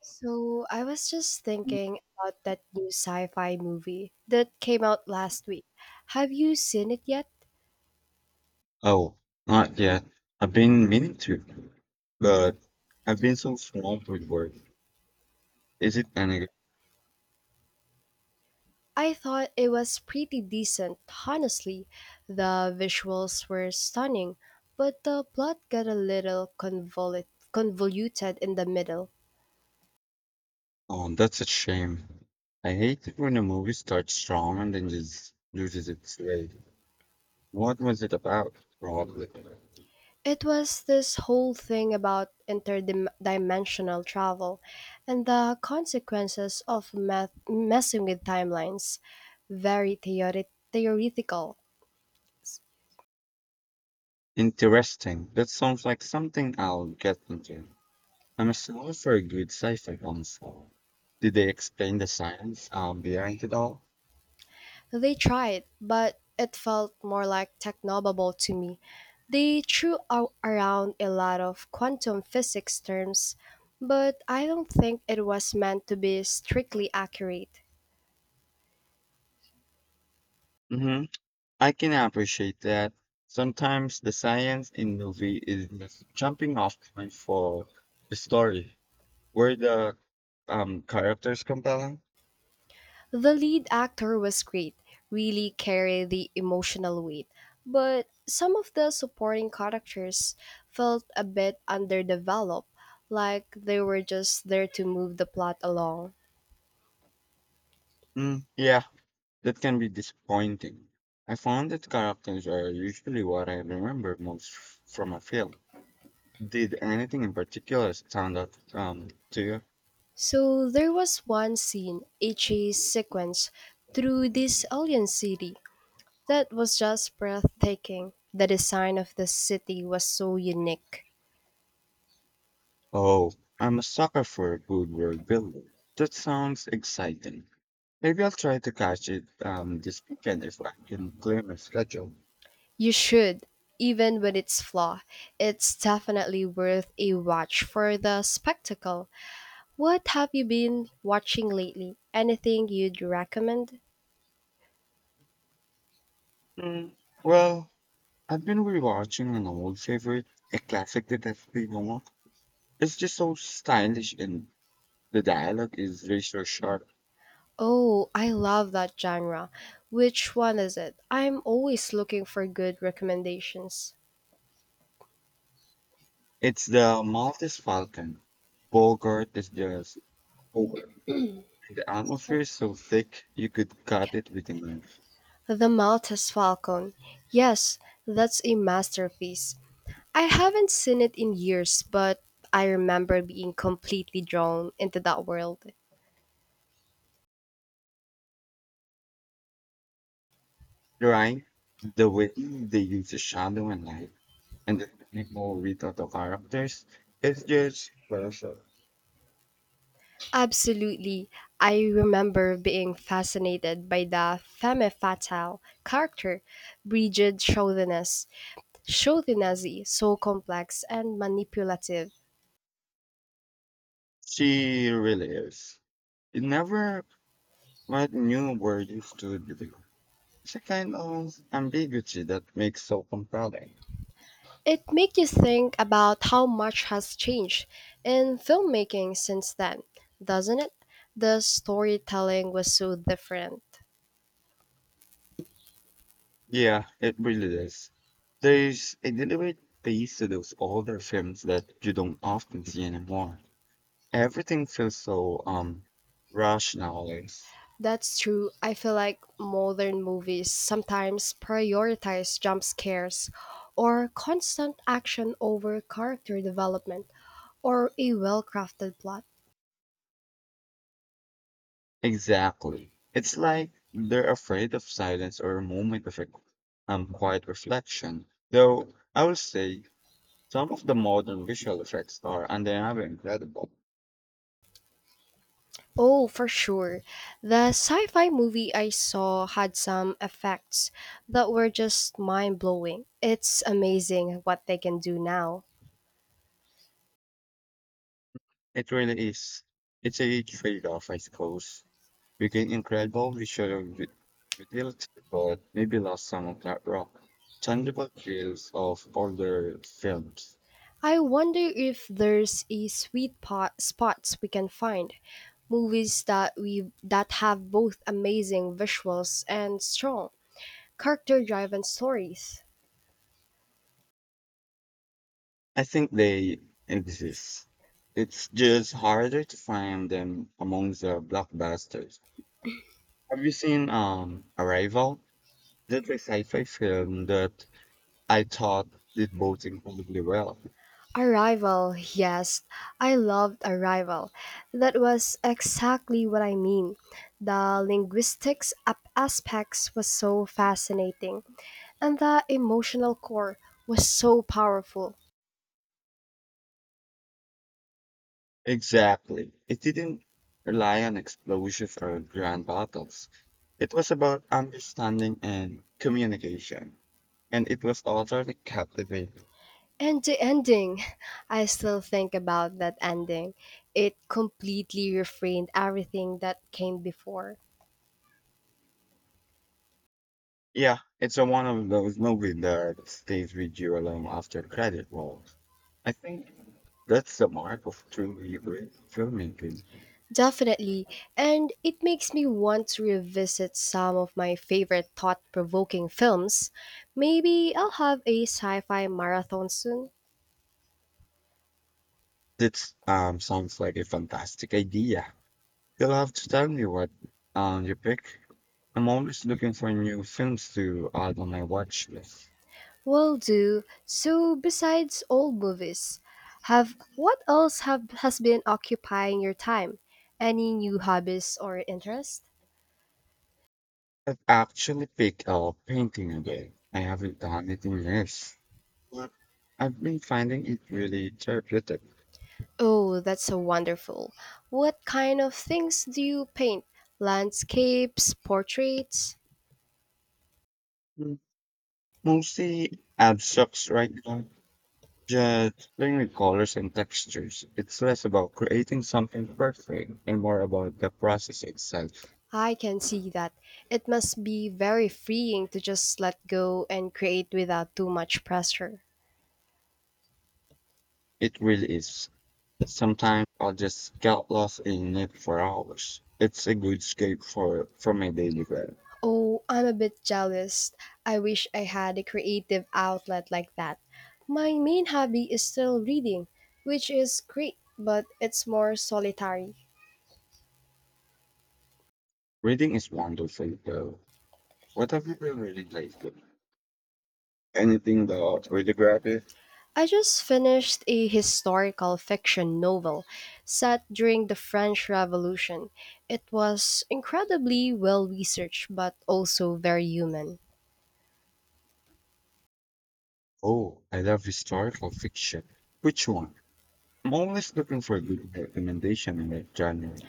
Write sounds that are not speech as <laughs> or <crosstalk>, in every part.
So I was just thinking about that new sci-fi movie that came out last week. Have you seen it yet? Oh, not yet. I've been meaning to, but I've been so swamped with work. Is it any? I thought it was pretty decent, honestly. The visuals were stunning, but the plot got a little convoluted in the middle. Oh, that's a shame. I hate it when a movie starts strong and then just loses its way. What was it about? Probably. It was this whole thing about interdimensional travel and the consequences of messing with timelines. Very theoretical. Interesting. That sounds like something I'll get into. I'm a sucker for a good sci-fi console. Did they explain the science behind it all? They tried, but it felt more like technobabble to me. They threw out around a lot of quantum physics terms, but I don't think it was meant to be strictly accurate. Mm-hmm. I can appreciate that. Sometimes the science in movie is just jumping off point for the story. Were the characters compelling? The lead actor was great, really carried the emotional weight, but some of the supporting characters felt a bit underdeveloped, like they were just there to move the plot along. Mm, yeah, that can be disappointing. I found that characters are usually what I remember most from a film. Did anything in particular stand out to you? So there was one scene, a chase sequence through this alien city that was just breathtaking. The design of the city was so unique. Oh, I'm a sucker for good world building. That sounds exciting. Maybe I'll try to catch it this weekend if I can clear my schedule. You should, even with its flaw, it's definitely worth a watch for the spectacle. What have you been watching lately? Anything you'd recommend? Mm. Well, I've been rewatching an old favorite, a classic detective novel. It's just so stylish and the dialogue is very so sharp. Oh, I love that genre. Which one is it? I'm always looking for good recommendations. It's the Maltese Falcon. Bogart is just Bogart. And the atmosphere is so thick you could cut it with a knife. The Maltese Falcon. Yes, that's a masterpiece. I haven't seen it in years, but I remember being completely drawn into that world. The rhyme, the way they use the shadow and light, and the people without the characters, it's just perfect. Absolutely. I remember being fascinated by the femme fatale character, Brigid Chauvinez. Chauvinazzi, so complex and manipulative. She really is. It never what new word is to reveal. It's a kind of ambiguity that makes so compelling. It makes you think about how much has changed in filmmaking since then, doesn't it? The storytelling was so different. Yeah, it really is. There's a deliberate pace to those older films that you don't often see anymore. Everything feels so rushed nowadays. That's true. I feel like modern movies sometimes prioritize jump scares or constant action over character development or a well crafted plot. Exactly. It's like they're afraid of silence or a moment of a quiet reflection. Though I will say some of the modern visual effects are undeniably incredible. Oh, for sure. The sci fi movie I saw had some effects that were just mind blowing. It's amazing what they can do now. It really is. It's a trade-off, I suppose. You get incredible visual utility, but maybe lost some of that raw, tangible feels of older films. I wonder if there's a sweet pot spots we can find. Movies that have both amazing visuals and strong character driven stories. I think they exist. It's just harder to find them among the blockbusters. Have you seen Arrival? That's a sci-fi film that I thought did both incredibly well. Arrival, yes, I loved Arrival. That was exactly what I mean. The linguistics aspects was so fascinating, and the emotional core was so powerful. Exactly. It didn't rely on explosions or grand battles. It was about understanding and communication. And it was utterly captivating. And the ending, <laughs> I still think about that ending. It completely reframed everything that came before. Yeah, it's a one of those movies that stays with you long after credit rolls. I think that's the mark of truly great filmmaking. Definitely. And it makes me want to revisit some of my favorite thought provoking films. Maybe I'll have a sci fi marathon soon. That sounds like a fantastic idea. You'll have to tell me what you pick. I'm always looking for new films to add on my watch list. Will do. So, besides old movies, have what else have, has been occupying your time? Any new hobbies or interests? I've actually picked up painting again. I haven't done it in years, but I've been finding it really therapeutic. Oh, that's so wonderful. What kind of things do you paint? Landscapes, portraits? Mm, mostly abstracts right now, just playing with colors and textures. It's less about creating something perfect and more about the process itself. I can see that. It must be very freeing to just let go and create without too much pressure. It really is. Sometimes I just get lost in it for hours. It's a good escape for from my daily grind. Oh, I'm a bit jealous. I wish I had a creative outlet like that. My main hobby is still reading, which is great, but it's more solitary. Reading is wonderful though. What have you been reading lately? Anything about radiography? I just finished a historical fiction novel set during the French Revolution. It was incredibly well researched but also very human. Oh, I love historical fiction. Which one? I'm always looking for a good recommendation in that genre.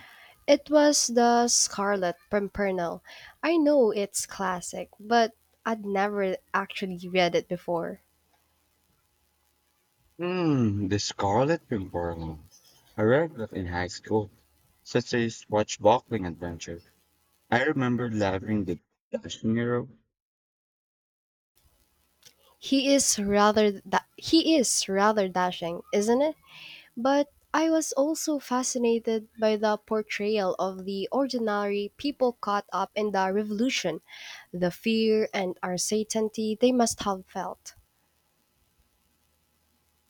It was The Scarlet Pimpernel. I know it's classic, but I'd never actually read it before. Hmm, The Scarlet Pimpernel. I read that in high school. Such a swashbuckling adventure. I remember loving the dashing hero. He is rather dashing, isn't it? But I was also fascinated by the portrayal of the ordinary people caught up in the revolution, the fear and uncertainty they must have felt.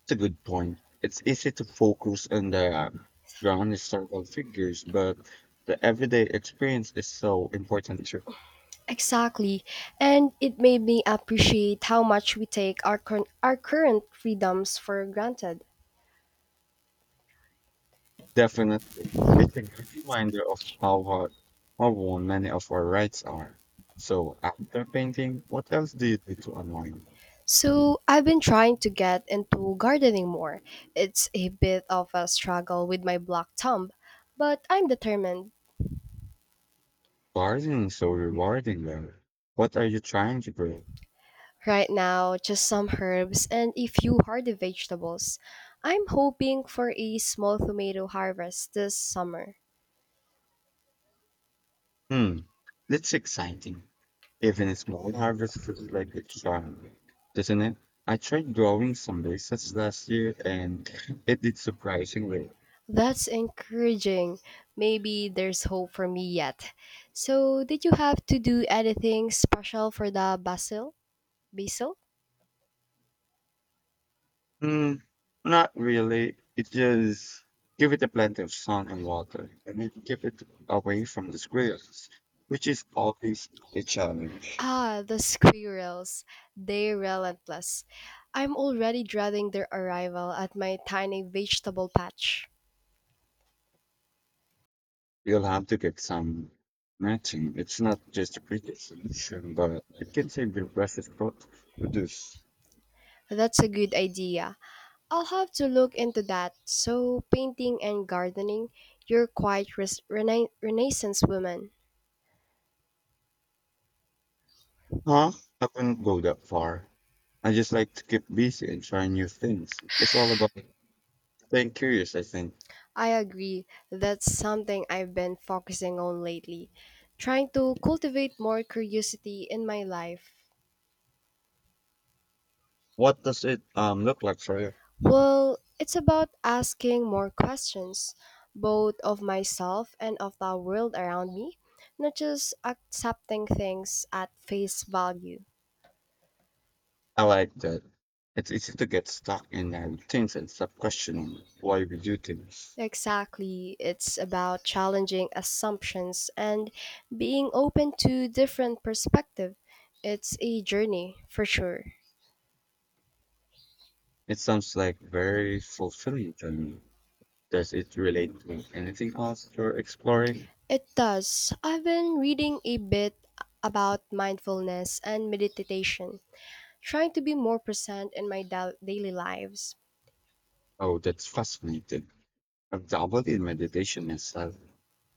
That's a good point. It's easy to focus on the grand historical figures, but the everyday experience is so important too. Exactly. And it made me appreciate how much we take our current freedoms for granted. Definitely. It's a good reminder of how hard, how worn many of our rights are. So after painting, what else do you do to unwind? So, I've been trying to get into gardening more. It's a bit of a struggle with my black thumb, but I'm determined. Gardening is so rewarding though. What are you trying to grow? Right now, just some herbs and a few hardy vegetables. I'm hoping for a small tomato harvest this summer. Hmm, that's exciting. Even a small harvest feels like a charm, doesn't it? I tried growing some bases last year and <laughs> it did surprisingly. That's encouraging. Maybe there's hope for me yet. So, did you have to do anything special for the basil? Basil? Hmm, not really. It just give it a plenty of sun and water and it keep it away from the squirrels, which is always a challenge. Ah, the squirrels. They're relentless. I'm already dreading their arrival at my tiny vegetable patch. You'll have to get some matching. It's not just a pretty solution, but it can save the precious produce. That's a good idea. I'll have to look into that. So, painting and gardening, you're quite renaissance woman. Huh? I wouldn't go that far. I just like to keep busy and try new things. It's all about staying curious, I think. I agree. That's something I've been focusing on lately. Trying to cultivate more curiosity in my life. What does it look like for you? Well, it's about asking more questions, both of myself and of the world around me, not just accepting things at face value. I like that. It's easy to get stuck in routines and stop questioning why we do things. Exactly, it's about challenging assumptions and being open to different perspective. It's a journey, for sure. It sounds like very fulfilling to me. Does it relate to anything else you're exploring? It does. I've been reading a bit about mindfulness and meditation, trying to be more present in my daily lives. Oh, that's fascinating. I've dabbled in meditation and stuff,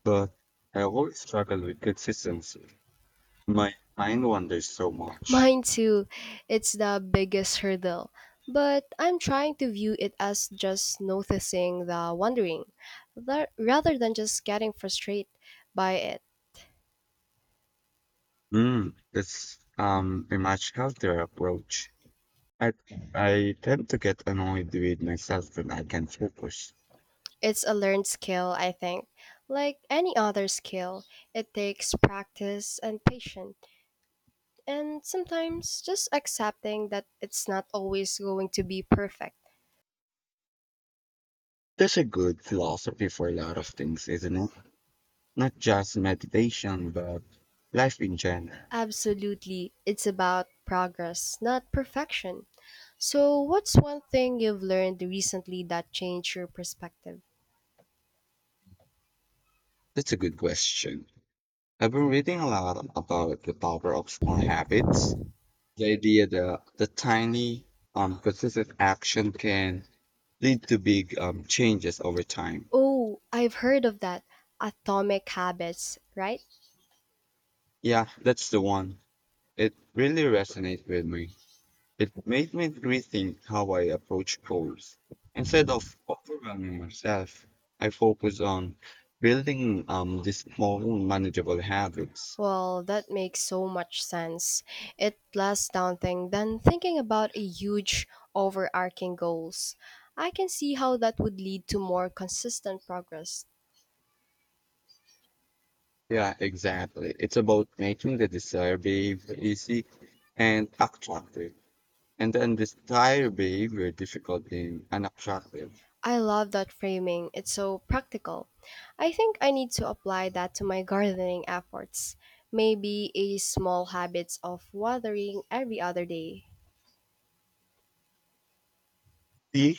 but I always struggle with consistency. My mind wanders so much. Mine too. It's the biggest hurdle. But I'm trying to view it as just noticing the wandering, rather than just getting frustrated by it. Mm, that's a much healthier approach. I I tend to get annoyed with myself when I can't focus. It's a learned skill, I think. Like any other skill, it takes practice and patience, and sometimes just accepting that it's not always going to be perfect. That's a good philosophy for a lot of things, isn't it? Not just meditation, but life in general. Absolutely, it's about progress, not perfection. So, what's one thing you've learned recently that changed your perspective? That's a good question. I've been reading a lot about the power of small habits. The idea that the tiny, consistent action can lead to big changes over time. Oh, I've heard of that. Atomic habits, right? Yeah, that's the one. It really resonated with me. It made me rethink how I approach goals. Instead of overwhelming myself, I focus on building these small, manageable habits. Well, that makes so much sense. It less daunting than thinking about a huge overarching goals. I can see how that would lead to more consistent progress. Yeah, exactly. It's about making the desire behavior easy and attractive, and then desire behavior difficult and unattractive. I love that framing. It's so practical. I think I need to apply that to my gardening efforts. Maybe a small habits of watering every other day. See,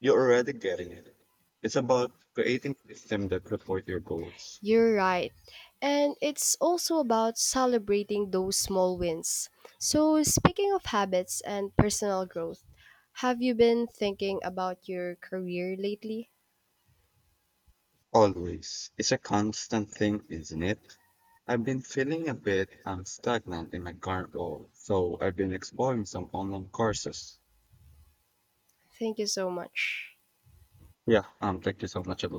you're already getting it. It's about creating a system that support your goals. You're right. And it's also about celebrating those small wins. So, speaking of habits and personal growth, have you been thinking about your career lately? Always. It's a constant thing, isn't it? I've been feeling a bit stagnant in my current role, so I've been exploring some online courses. Thank you so much. Yeah, thank you so much. Have a